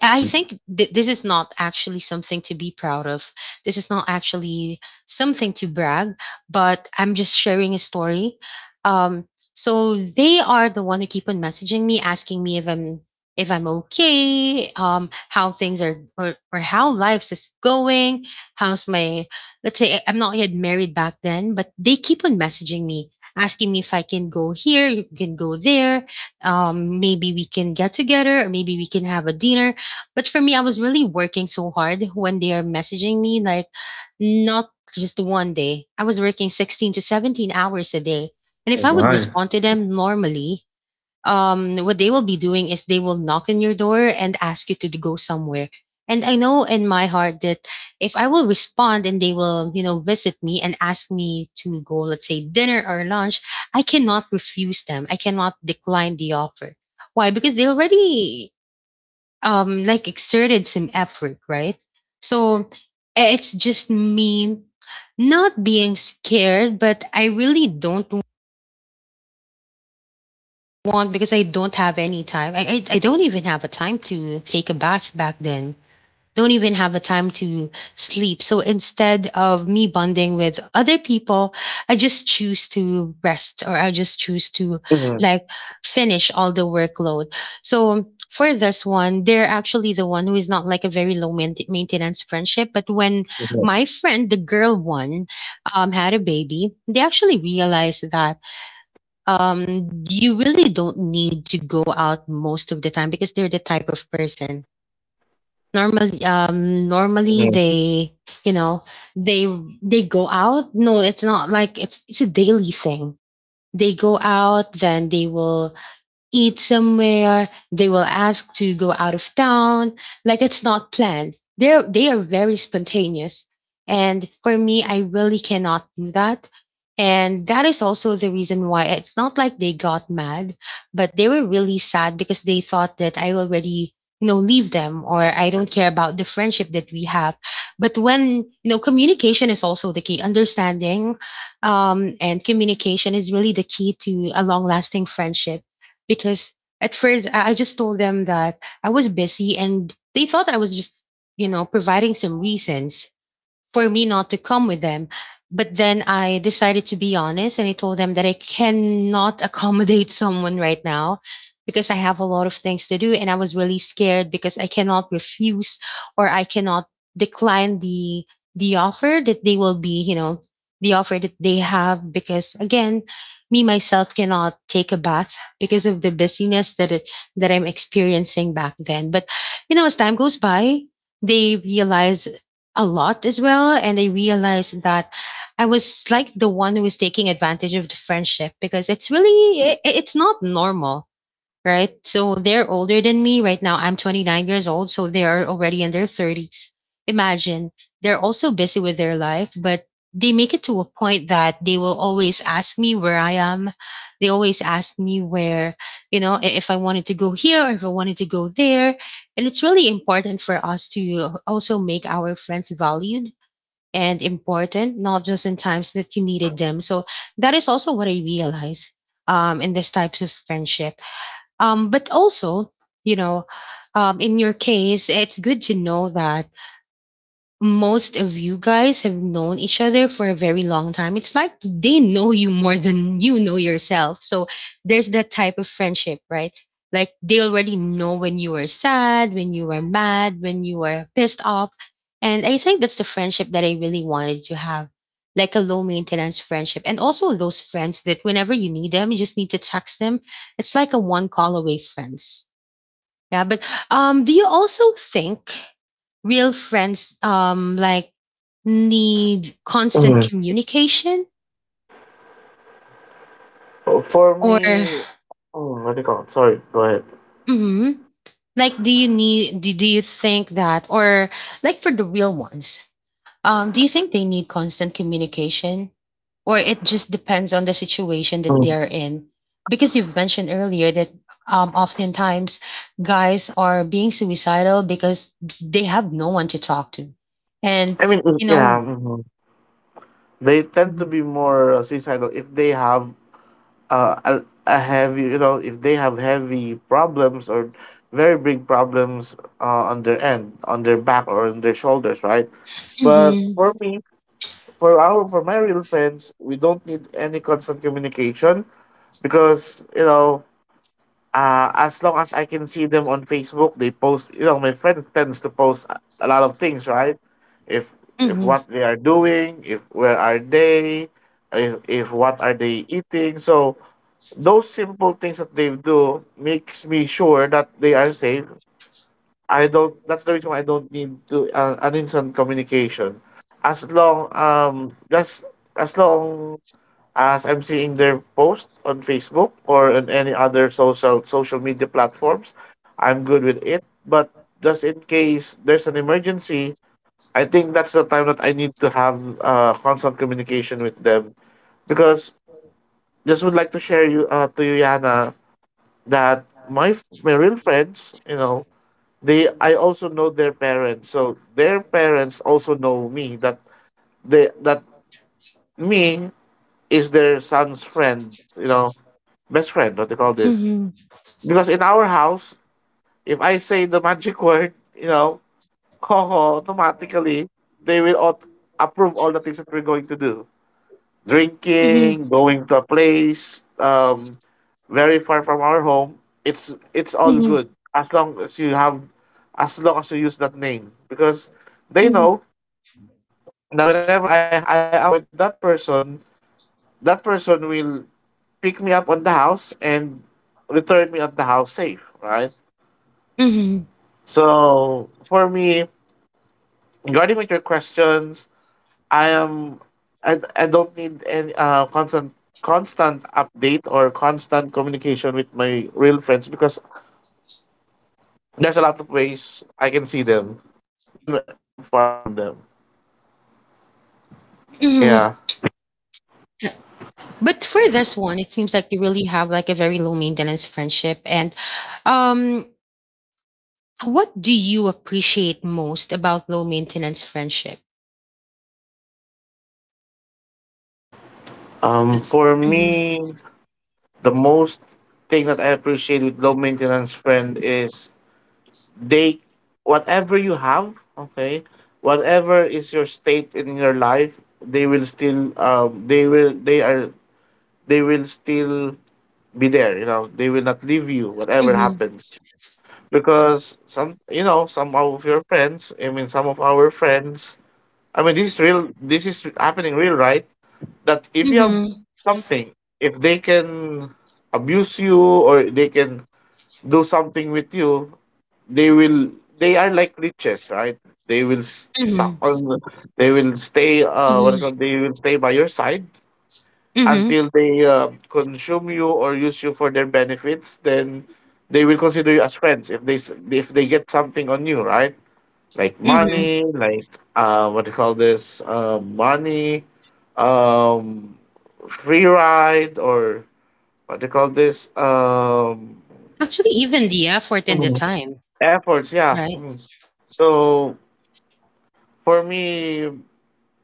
A: I think th- this is not actually something to be proud of. This is not actually something to brag, but I'm just sharing a story. Um, so they are the one who keep on messaging me, asking me if I'm if I'm okay, um, how things are or, or how lives is going, how's my let's say I- I'm not yet married back then, but they keep on messaging me, asking me if I can go here, you can go there, um, maybe we can get together or maybe we can have a dinner but for me, I was really working so hard when they are messaging me, like not just one day. I was working sixteen to seventeen hours a day. And if
B: Oh
A: I would
B: my.
A: respond to them normally, um, what they will be doing is they will knock on your door and ask you to go somewhere. And I know in my heart that if I will respond and they will, you know, visit me and ask me to go, let's say dinner or lunch, I cannot refuse them. I cannot decline the offer. Why? Because they already um like exerted some effort, right? So eh, it's just me not being scared, but I really don't want because I don't have any time. I, I I don't even have a time to take a bath back then don't even have a time to sleep. So instead of me bonding with other people, I just choose to rest or I just choose to
B: Mhm.
A: like finish all the workload. So for this one, they're actually the one who is not like a very low main- maintenance friendship. But when
B: Mhm.
A: my friend, the girl one, um, had a baby, they actually realized that um, you really don't need to go out most of the time because they're the type of person normally um normally
B: Mhm.
A: they you know they they go out. No, it's not like it's it's a daily thing. They go out, then they will eat somewhere. They will ask to go out of town. Like, it's not planned. They're they are very spontaneous. And for me, I really cannot do that. And that is also the reason why it's not like they got mad, but they were really sad because they thought that I already, you know, leave them or I don't care about the friendship that we have. But when, you know, communication is also the key, understanding um, and communication is really the key to a long lasting friendship because at first I I just told them that I was busy, and they thought I was just, you know, providing some reasons for me not to come with them. But then I decided to be honest, and I told them that I cannot accommodate someone right now because I have a lot of things to do. And I was really scared because I cannot refuse or I cannot decline the the offer that they will be, you know, the offer that they have, because again, me myself cannot take a bath because of the busyness that it that I'm experiencing back then. But you know, as time goes by, they realize a lot as well. And I realized that I was like the one who was taking advantage of the friendship because it's really, i- i- it's not normal, right? So they're older than me. Right now, I'm twenty-nine years old. So they are already in their thirties. Imagine they're also busy with their life, but they make it to a point that they will always ask me where I am. They always ask me where, you know, i- if I wanted to go here or if I wanted to go there. And it's really important for us to also make our friends valued and important, not just in times that you needed them. So that is also what I realize um, in this types of friendship, um, but also, you know, um, in your case, it's good to know that most of you guys have known each other for a very long time. It's like they know you more than you know yourself. So there's that type of friendship, right? Like they already know when you are sad, when you are mad, when you are pissed off. And I think that's the friendship that I really wanted to have, like a low maintenance friendship. And also those friends that whenever you need them, you just need to text them. It's like a one call away friends. Yeah, but um, do you also think real friends um like need constant
B: Mhm.
A: communication
B: For
A: or
B: me, mm, what do you call it? Sorry, go ahead.
A: Mhm. like do you need do, do you think that or like for the real ones, Um, do you think they need constant communication? Or it just depends on the situation that they are in? Because you've mentioned earlier that um, oftentimes guys are being suicidal because they have no one to talk to. And,
B: I mean, mm,
A: you
B: yeah,
A: know,
B: mhm. They tend to be more uh, suicidal if they have uh, a, a heavy, you know, if they have heavy problems or very big problems uh, on their end, on their back or on their shoulders, right? But
A: Mhm.
B: for me, for our, for my real friends, we don't need any constant communication, because, you know, uh, as long as I can see them on Facebook, they post. You know, my friend tends to post a a lot of things, right? If if
A: Mhm.
B: what they are doing, if where are they, if if what are they eating. So those simple things that they do makes me sure that they are safe. I don't. That's the reason why I don't need to, uh, an instant communication. As long um just as long as I'm seeing their post on Facebook or on any other social social media platforms, I'm good with it. But just in case there's an emergency, I think that's the time that I need to have uh, constant communication with them, because just would like to share you, uh, to you, Yana, that my f- my real friends, you know, they, I also know their parents, so their parents also know me, that they that me is their son's friend, you know, best friend, what do you call this?
A: Mhm.
B: Because in our house, if I say the magic word, you know, Coco, automatically they will aut- approve all the things that we're going to do.
A: Mhm.
B: Drinking, going to a place, um, very far from our home. It's it's all
A: Mhm.
B: good as long as you have, as long as you use that name, because they
A: Mhm.
B: know that whenever I I am with that person, that person will pick me up on the house and return me at the house safe, right?
A: Mhm.
B: So for me, regarding with your questions, I am, I, I don't need any uh constant constant update or constant communication with my real friends, because there's a lot of ways I can see them, even I'm far from them.
A: Mhm.
B: Yeah.
A: Yeah. But for this one, it seems like you really have like a very low maintenance friendship, and um, what do you appreciate most about low maintenance friendship?
B: Um for
A: Mhm,
B: me, the most thing that I appreciate with low maintenance friend is they, whatever you have, okay, whatever is your state in your life, they will still um they will they are they will still be there, you know, they will not leave you whatever
A: mhm,
B: happens. Because some, you know, some of your friends, I mean some of our friends, I mean this is real, this is happening real, right, that if you have
A: mhm,
B: something, if they can abuse you or they can do something with you, they will they are like leeches, right, they will s- suck
A: mhm,
B: on they will stay, uh what
A: mhm,
B: do you call, they will stay by your side
A: mhm,
B: until they, uh, consume you or use you for their benefits, then they will consider you as friends if they s- if they get something on you, right, like
A: mhm.
B: money, like, uh, what do you call this, uh, money, um, free ride, or what do you call this, um,
A: Actually, even the effort and the
B: Mhm.
A: time,
B: Efforts, yeah.
A: right?
B: Mhm. So for me,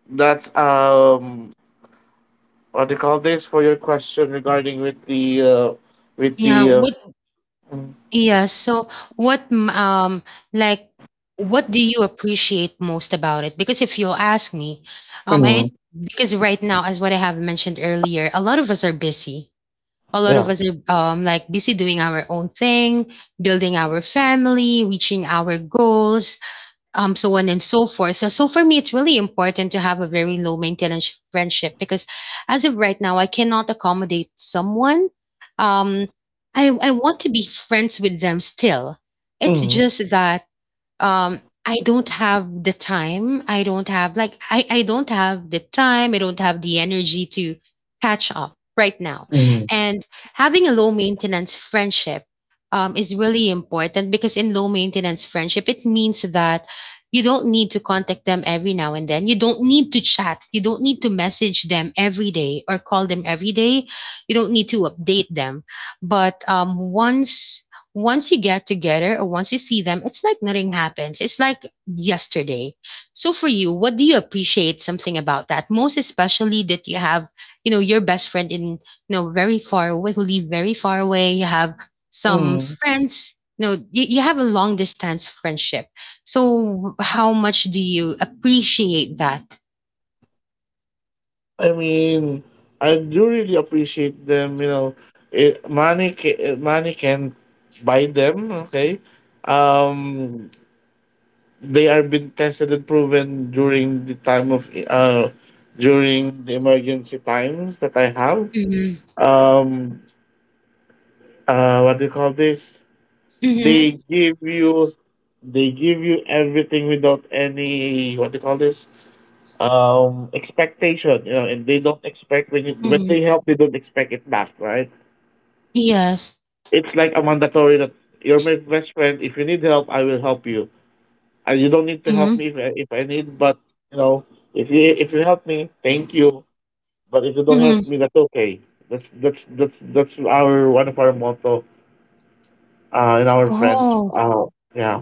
B: that's um, what do you call this, for your question regarding with the uh, with
A: Yeah.
B: the uh,
A: What?
B: Mm.
A: Yeah. So, what? m- Um, like, what do you appreciate most about it? Because if you ask me, um,
B: Mhm.
A: I because right now, as what I have mentioned earlier, a lot of us are busy. A lot of
B: Yeah.
A: us are um, like busy doing our own thing, building our family, reaching our goals, um, so on and so forth. So, so for me, it's really important to have a very low maintenance friendship because as of right now, I cannot accommodate someone. Um, I, I want to be friends with them still. It's
B: Mm.
A: just that um i don't have the time I don't have like i I don't have the time, I don't have the energy to catch up right now,
B: Mm.
A: and having a low maintenance friendship um, is really important, because in low maintenance friendship it means that you don't need to contact them every now and then, you don't need to chat, you don't need to message them every day or call them every day, you don't need to update them, but um, once once you get together or once you see them, it's like nothing happens. It's like yesterday. So for you, what do you appreciate something about that? Most especially that you have, you know, your best friend in, you know, very far away, who live very far away. You have some
B: Mm.
A: friends, you know, you, you have a long distance friendship. So how much do you appreciate that?
B: I mean, I do really appreciate them. You know, it, money ca- money can buy them. Okay, um, they are been tested and proven during the time of, uh during the emergency times that I have.
A: Mm-hmm.
B: Um, uh, what do you call this? They
A: Mm-hmm.
B: give you they give you everything without any, what do you call this, um, expectation, you know, and they don't expect, when you, when
A: Mm-hmm.
B: they help, they don't expect it back, right?
A: Yes.
B: It's like a mandatory, that you're my best friend, if you need help I will help you. And you don't need to help me
A: Mm-hmm.
B: if I, if I need, but, you know, if you, if you help me, thank you, but if you don't help
A: Mm-hmm.
B: me, that's okay. That's that's that's that's our one of our motto, uh, in our friends,
A: Oh.
B: uh, yeah.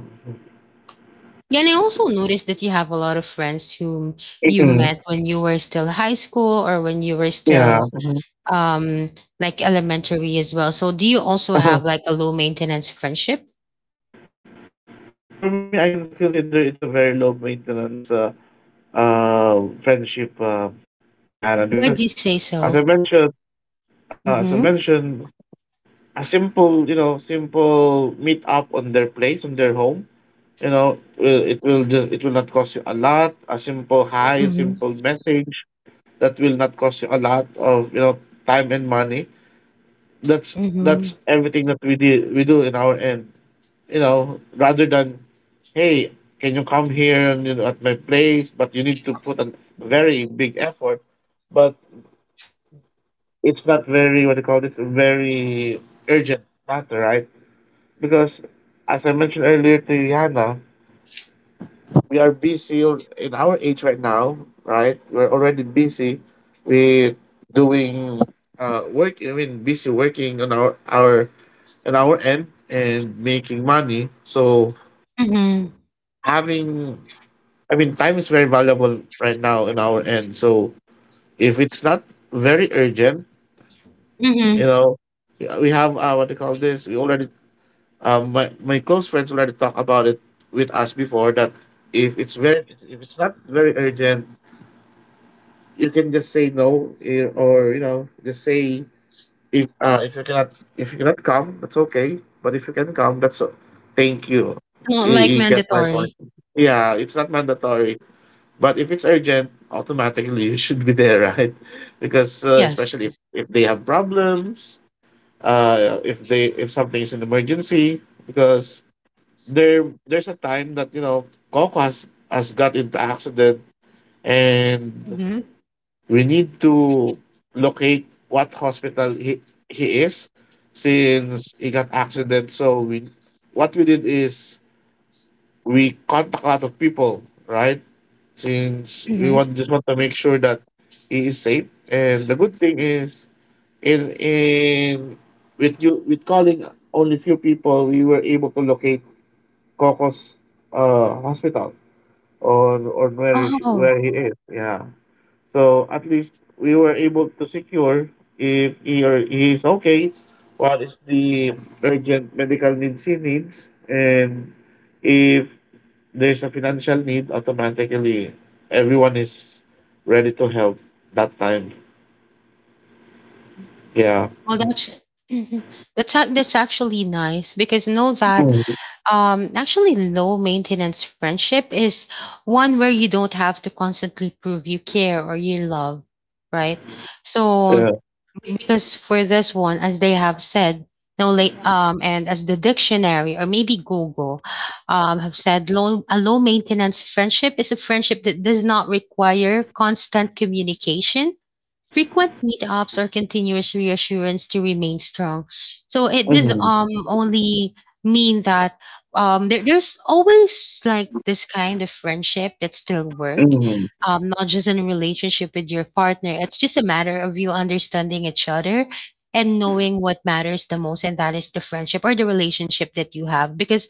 A: Yeah, and I also noticed that you have a lot of friends whom you
B: Mhm.
A: met when you were still high school or when you were still
B: Yeah. Mhm.
A: um like elementary as well. So do you also have like a low maintenance friendship?
B: For me, I can consider it's a very low maintenance, uh, uh, friendship, uh, Yana,
A: Would
B: because,
A: you say
B: as I
A: so?
B: mentioned, uh, as I
A: Mm-hmm.
B: mentioned, a simple, you know, simple meet up on their place, on their home, you know, will- it will just, it will not cost you a lot. A simple hi, a
A: Mm-hmm.
B: simple message that will not cost you a lot of, you know, time and money. That's
A: Mm-hmm.
B: that's everything that we do we do in our end, you know, rather than, hey, can you come here and, you know, at my place? But you need to put a very big effort. But it's not very, what do you call this, very urgent matter, right? Because, as I mentioned earlier to Yana, we are busy, al- in our age right now, right? We're already busy with doing, uh, work. I mean, busy working on our our on our end and making money. So
A: Mm-hmm.
B: having, I mean, time is very valuable right now in our end. So if it's not very urgent, you
A: Mm-hmm.
B: know, we have, uh, what do you call this, we already, um, my, my close friends already talk about it with us before, that if it's very if it's not very urgent, you can just say no, eh, or, you know, just say if, uh, if you cannot, if you cannot come, that's okay. But if you can come, that's o- thank you.
A: Not
B: You,
A: like
B: you get my point.
A: mandatory.
B: Yeah, it's not mandatory. But if it's urgent, automatically you should be there, right? Because, uh,
A: Yes.
B: especially if, if they have problems, uh, if they, if something is an emergency, because there there's a time that, you know, Coco has has got into accident, and
A: Mm-hmm.
B: we need to locate what hospital he he is, since he got accident. So we, what we did is we contact a lot of people, right? Since we
A: Mm-hmm.
B: want, just want to make sure that he is safe. And the good thing is, in in with you, with calling only few people, we were able to locate Coco's uh, hospital, or or where she, where
A: Oh,
B: he is. Yeah. So at least we were able to secure if he or he is okay, what is the urgent medical needs he needs, and if there's a financial need, automatically everyone is ready to help that time. Yeah.
A: well, that's mhm. that's ac- that's actually nice because know that
B: Mm-hmm.
A: um actually low maintenance friendship is one where you don't have to constantly prove you care or you love, right? So
B: Yeah.
A: exactly. Because for this one, as they have said, no late um and as the dictionary or maybe Google um have said, low a low maintenance friendship is a friendship that does not require constant communication, frequent meetups or continuous reassurance to remain strong. So it does
B: Mm-hmm.
A: um only mean that um there, there's always like this kind of friendship that still work,
B: Mm-hmm.
A: um, not just in a relationship with your partner. It's just a matter of you understanding each other and knowing what matters the most, and that is the friendship or the relationship that you have. Because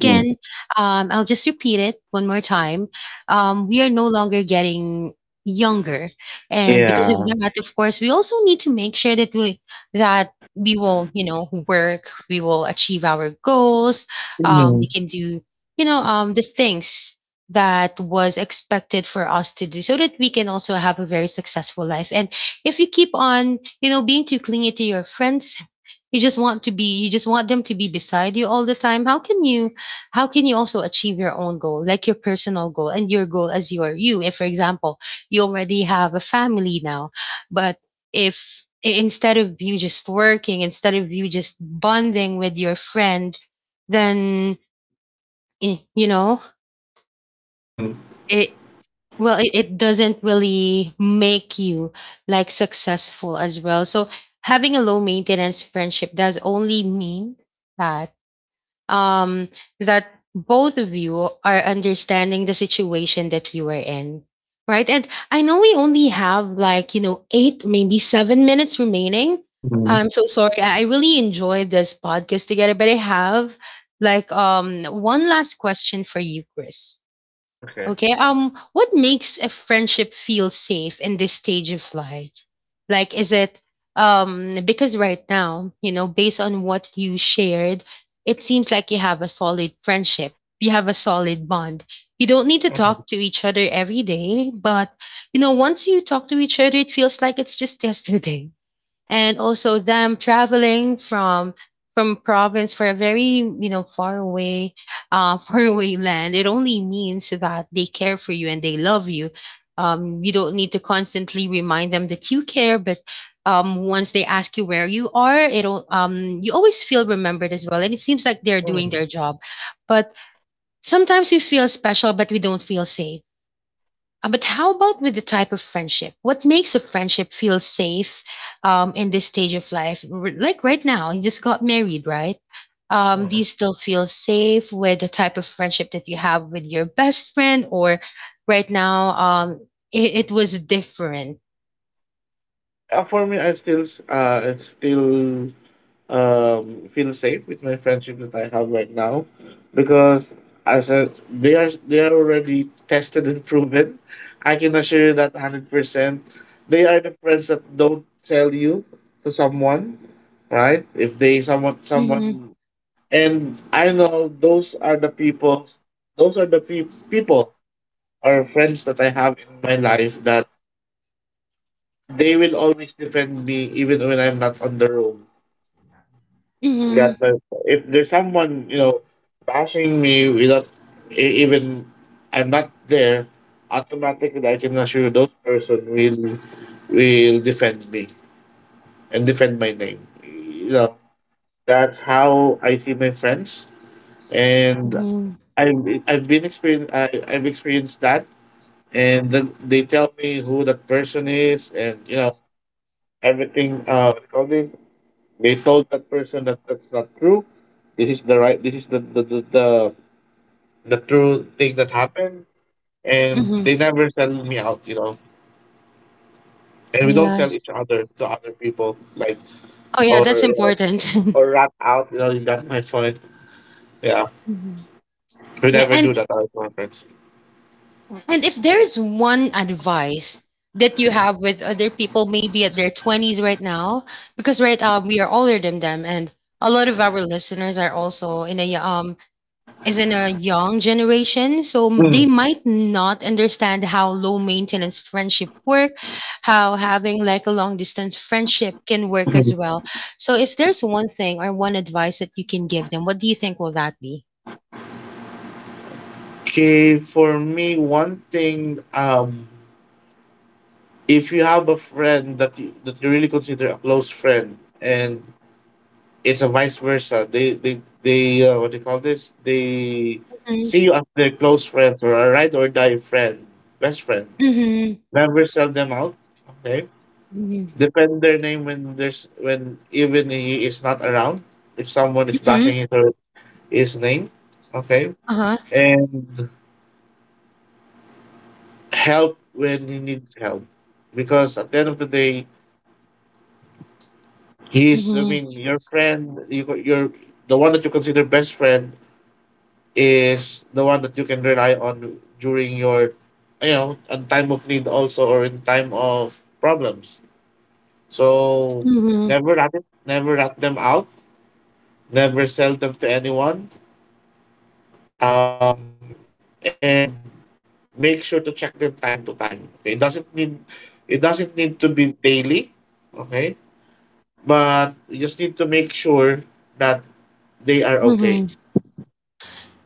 B: Mm-hmm.
A: um, I'll just repeat it one more time. Um, we are no longer getting younger, and because of
B: Yeah.
A: that, of course, we also need to make sure that we that we will, you know, work. We will achieve our goals. Um,
B: Mm-hmm.
A: we can do, you know, um, the things that was expected for us to do so that we can also have a very successful life. And if you keep on, you know, being too clingy to your friends, you just want to be you just want them to be beside you all the time. How can you how can you also achieve your own goal, like your personal goal and your goal as your you? If for example, you already have a family now, but if I- instead of you just working, instead of you just bonding with your friend, then eh, you know,
B: Mm-hmm.
A: it well it, it doesn't really make you like successful as well. So having a low maintenance friendship does only mean that um that both of you are understanding the situation that you are in, right? And I know we only have like, you know, eight maybe seven minutes remaining.
B: Mm-hmm.
A: I'm so sorry. i I really enjoyed this podcast together, but I have like um one last question for you, Chris.
B: Okay.
A: Okay. Um, what makes a friendship feel safe in this stage of life? Like, is it um because right now, you know, based on what you shared, it seems like you have a solid friendship. You have a solid bond. You don't need to
B: Mhm.
A: talk to each other every day, but, you know, once you talk to each other, it feels like it's just yesterday, and also them traveling from from province for a very, you know, far away uh far away land, it only means that they care for you and they love you. Um you don't need to constantly remind them that you care, but um once they ask you where you are, it'll um you always feel remembered as well, and it seems like they're doing
B: Mhm.
A: their job. But sometimes we feel special, but we don't feel safe. Uh, but how about with the type of friendship? What makes a friendship feel safe um, in this stage of life? R- Like right now, you just got married, right? Um, do you
B: Mhm.
A: still feel safe with the type of friendship that you have with your best friend, or right now um, it, it was different?
B: Uh, for me, i still s- uh I still, um, feel safe with my friendship that I have right now, because as I, they are they are already tested and proven. I can assure you that hundred percent. They are the friends that don't tell you to someone, right? If they someone
A: Hmm.
B: someone, and I know those are the people. Those are the pe- people or friends that I have in my life, that they will always defend me even when I'm not on the road.
A: Hmm.
B: That, uh, if there's someone, you know, bashing me without, e- even I'm not there, automatically I can assure those person will will defend me and defend my name. You know, that's how I see my friends. And
A: Hmm.
B: I've I've been experien I I've experienced that, and then they tell me who that person is, and, you know, everything. Uh, what do you call this? They told that person that that's not true. This is the right. This is the the the, the, the true thing that happened, and
A: Hmm.
B: they never sell me out. You know, and we don't sell
A: Yes.
B: each other to other people, like,
A: Oh, yeah,
B: or,
A: that's
B: you know,
A: important.
B: or rat out. You know, you my point. Yeah,
A: Mhm.
B: we
A: Yeah,
B: never
A: and
B: do that at our conference.
A: And if there's one advice that you have with other people, maybe at their twenties right now, because right um, we are older than them, and a lot of our listeners are also in a um is in a young generation, so m- they
B: Mm.
A: might not understand how low maintenance friendship work, how having like a long distance friendship can work as well. So if there's one thing or one advice that you can give them, what do you think will that be?
B: Okay, for me, one thing, um, if you have a friend that you, that you really consider a close friend, and it's a vice versa. They they they uh, what do you call this? They
A: Mm-hmm.
B: see you as their close friend or a ride or die friend, best friend.
A: Mm-hmm.
B: Never sell them out. Okay. Defend their name when there's, when even he is not around. If someone is bashing
A: Mm-hmm.
B: his or his name, okay,
A: Uh-huh.
B: and help when he needs help, because at the end of the day, he's, I mean, your friend. You co- you're the one that you consider best friend is the one that you can rely on during your, you know, in time of need also or in time of problems. So
A: Mhm,
B: never rat never rat them out, never sell them to anyone, um, and make sure to check them time to time, okay? It doesn't need, it doesn't need to be daily, okay, but you just need to make sure that they are okay.
A: mhm.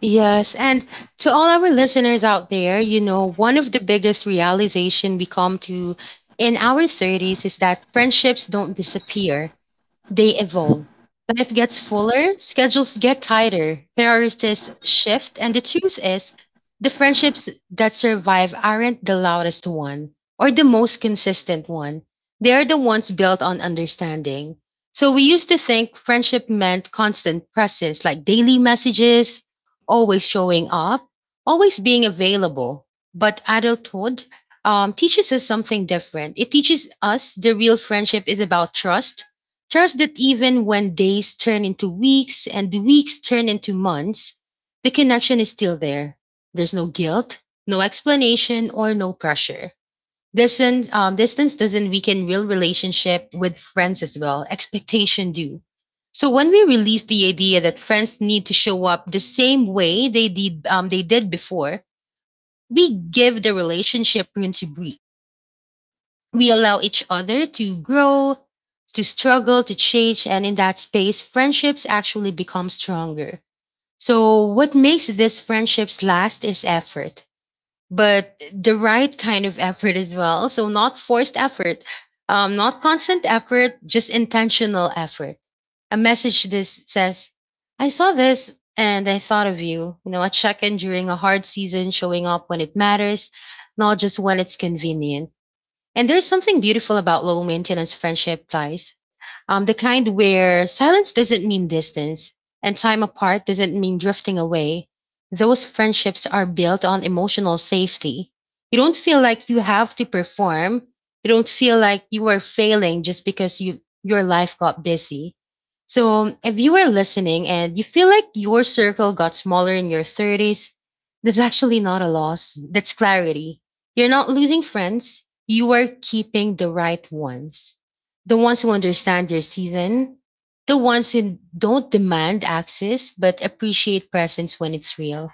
A: Yes, and to all our listeners out there, you know, one of the biggest realization we come to in our thirties is that friendships don't disappear. They evolve. Life gets fuller, schedules get tighter, priorities shift, and the truth is, the friendships that survive aren't the loudest one or the most consistent one. They are the ones built on understanding. So we used to think friendship meant constant presence, like daily messages, always showing up, always being available. But adulthood, um, teaches us something different. It teaches us the real friendship is about trust. Trust that even when days turn into weeks and weeks turn into months, the connection is still there. There's no guilt, no explanation, or no pressure. Distance, um, distance doesn't weaken real relationship with friends as well. Expectation do. So when we release the idea that friends need to show up the same way they did, um, they did before, we give the relationship room to breathe. We allow each other to grow, to struggle, to change, and in that space, friendships actually become stronger. So, what makes these friendships last is effort, but the right kind of effort as well. So, not forced effort, um, not constant effort, just intentional effort. A message this says, I saw this and I thought of you. You know, a check in during a hard season, showing up when it matters, not just when it's convenient. And there's something beautiful about low maintenance friendship ties, um, the kind where silence doesn't mean distance and time apart doesn't mean drifting away. Those friendships are built on emotional safety. You don't feel like you have to perform. You don't feel like you are failing just because you your life got busy. So, if you are listening and you feel like your circle got smaller in your thirties, that's actually not a loss. That's clarity. You're not losing friends, you are keeping the right ones, the ones who understand your season, the ones who don't demand access but appreciate presence when it's real.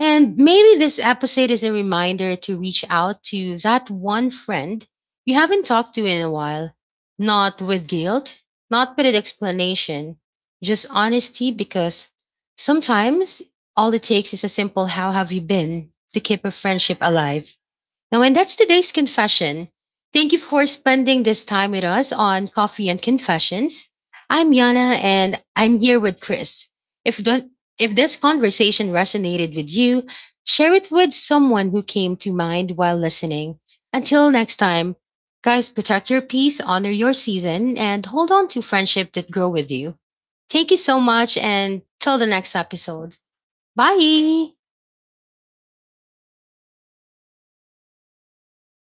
A: And maybe this episode is a reminder to reach out to that one friend you haven't talked to in a while, not with guilt, not with an explanation, just honesty, because sometimes all it takes is a simple how have you been to keep a friendship alive. Now, and that's today's confession. Thank you for spending this time with us on Coffee and Confessions. I'm Yana and I'm here with Chris. If don't, if this conversation resonated with you, share it with someone who came to mind while listening. Until next time, guys, protect your peace, honor your season, and hold on to friendship that grow with you. Thank you so much and till the next episode. Bye.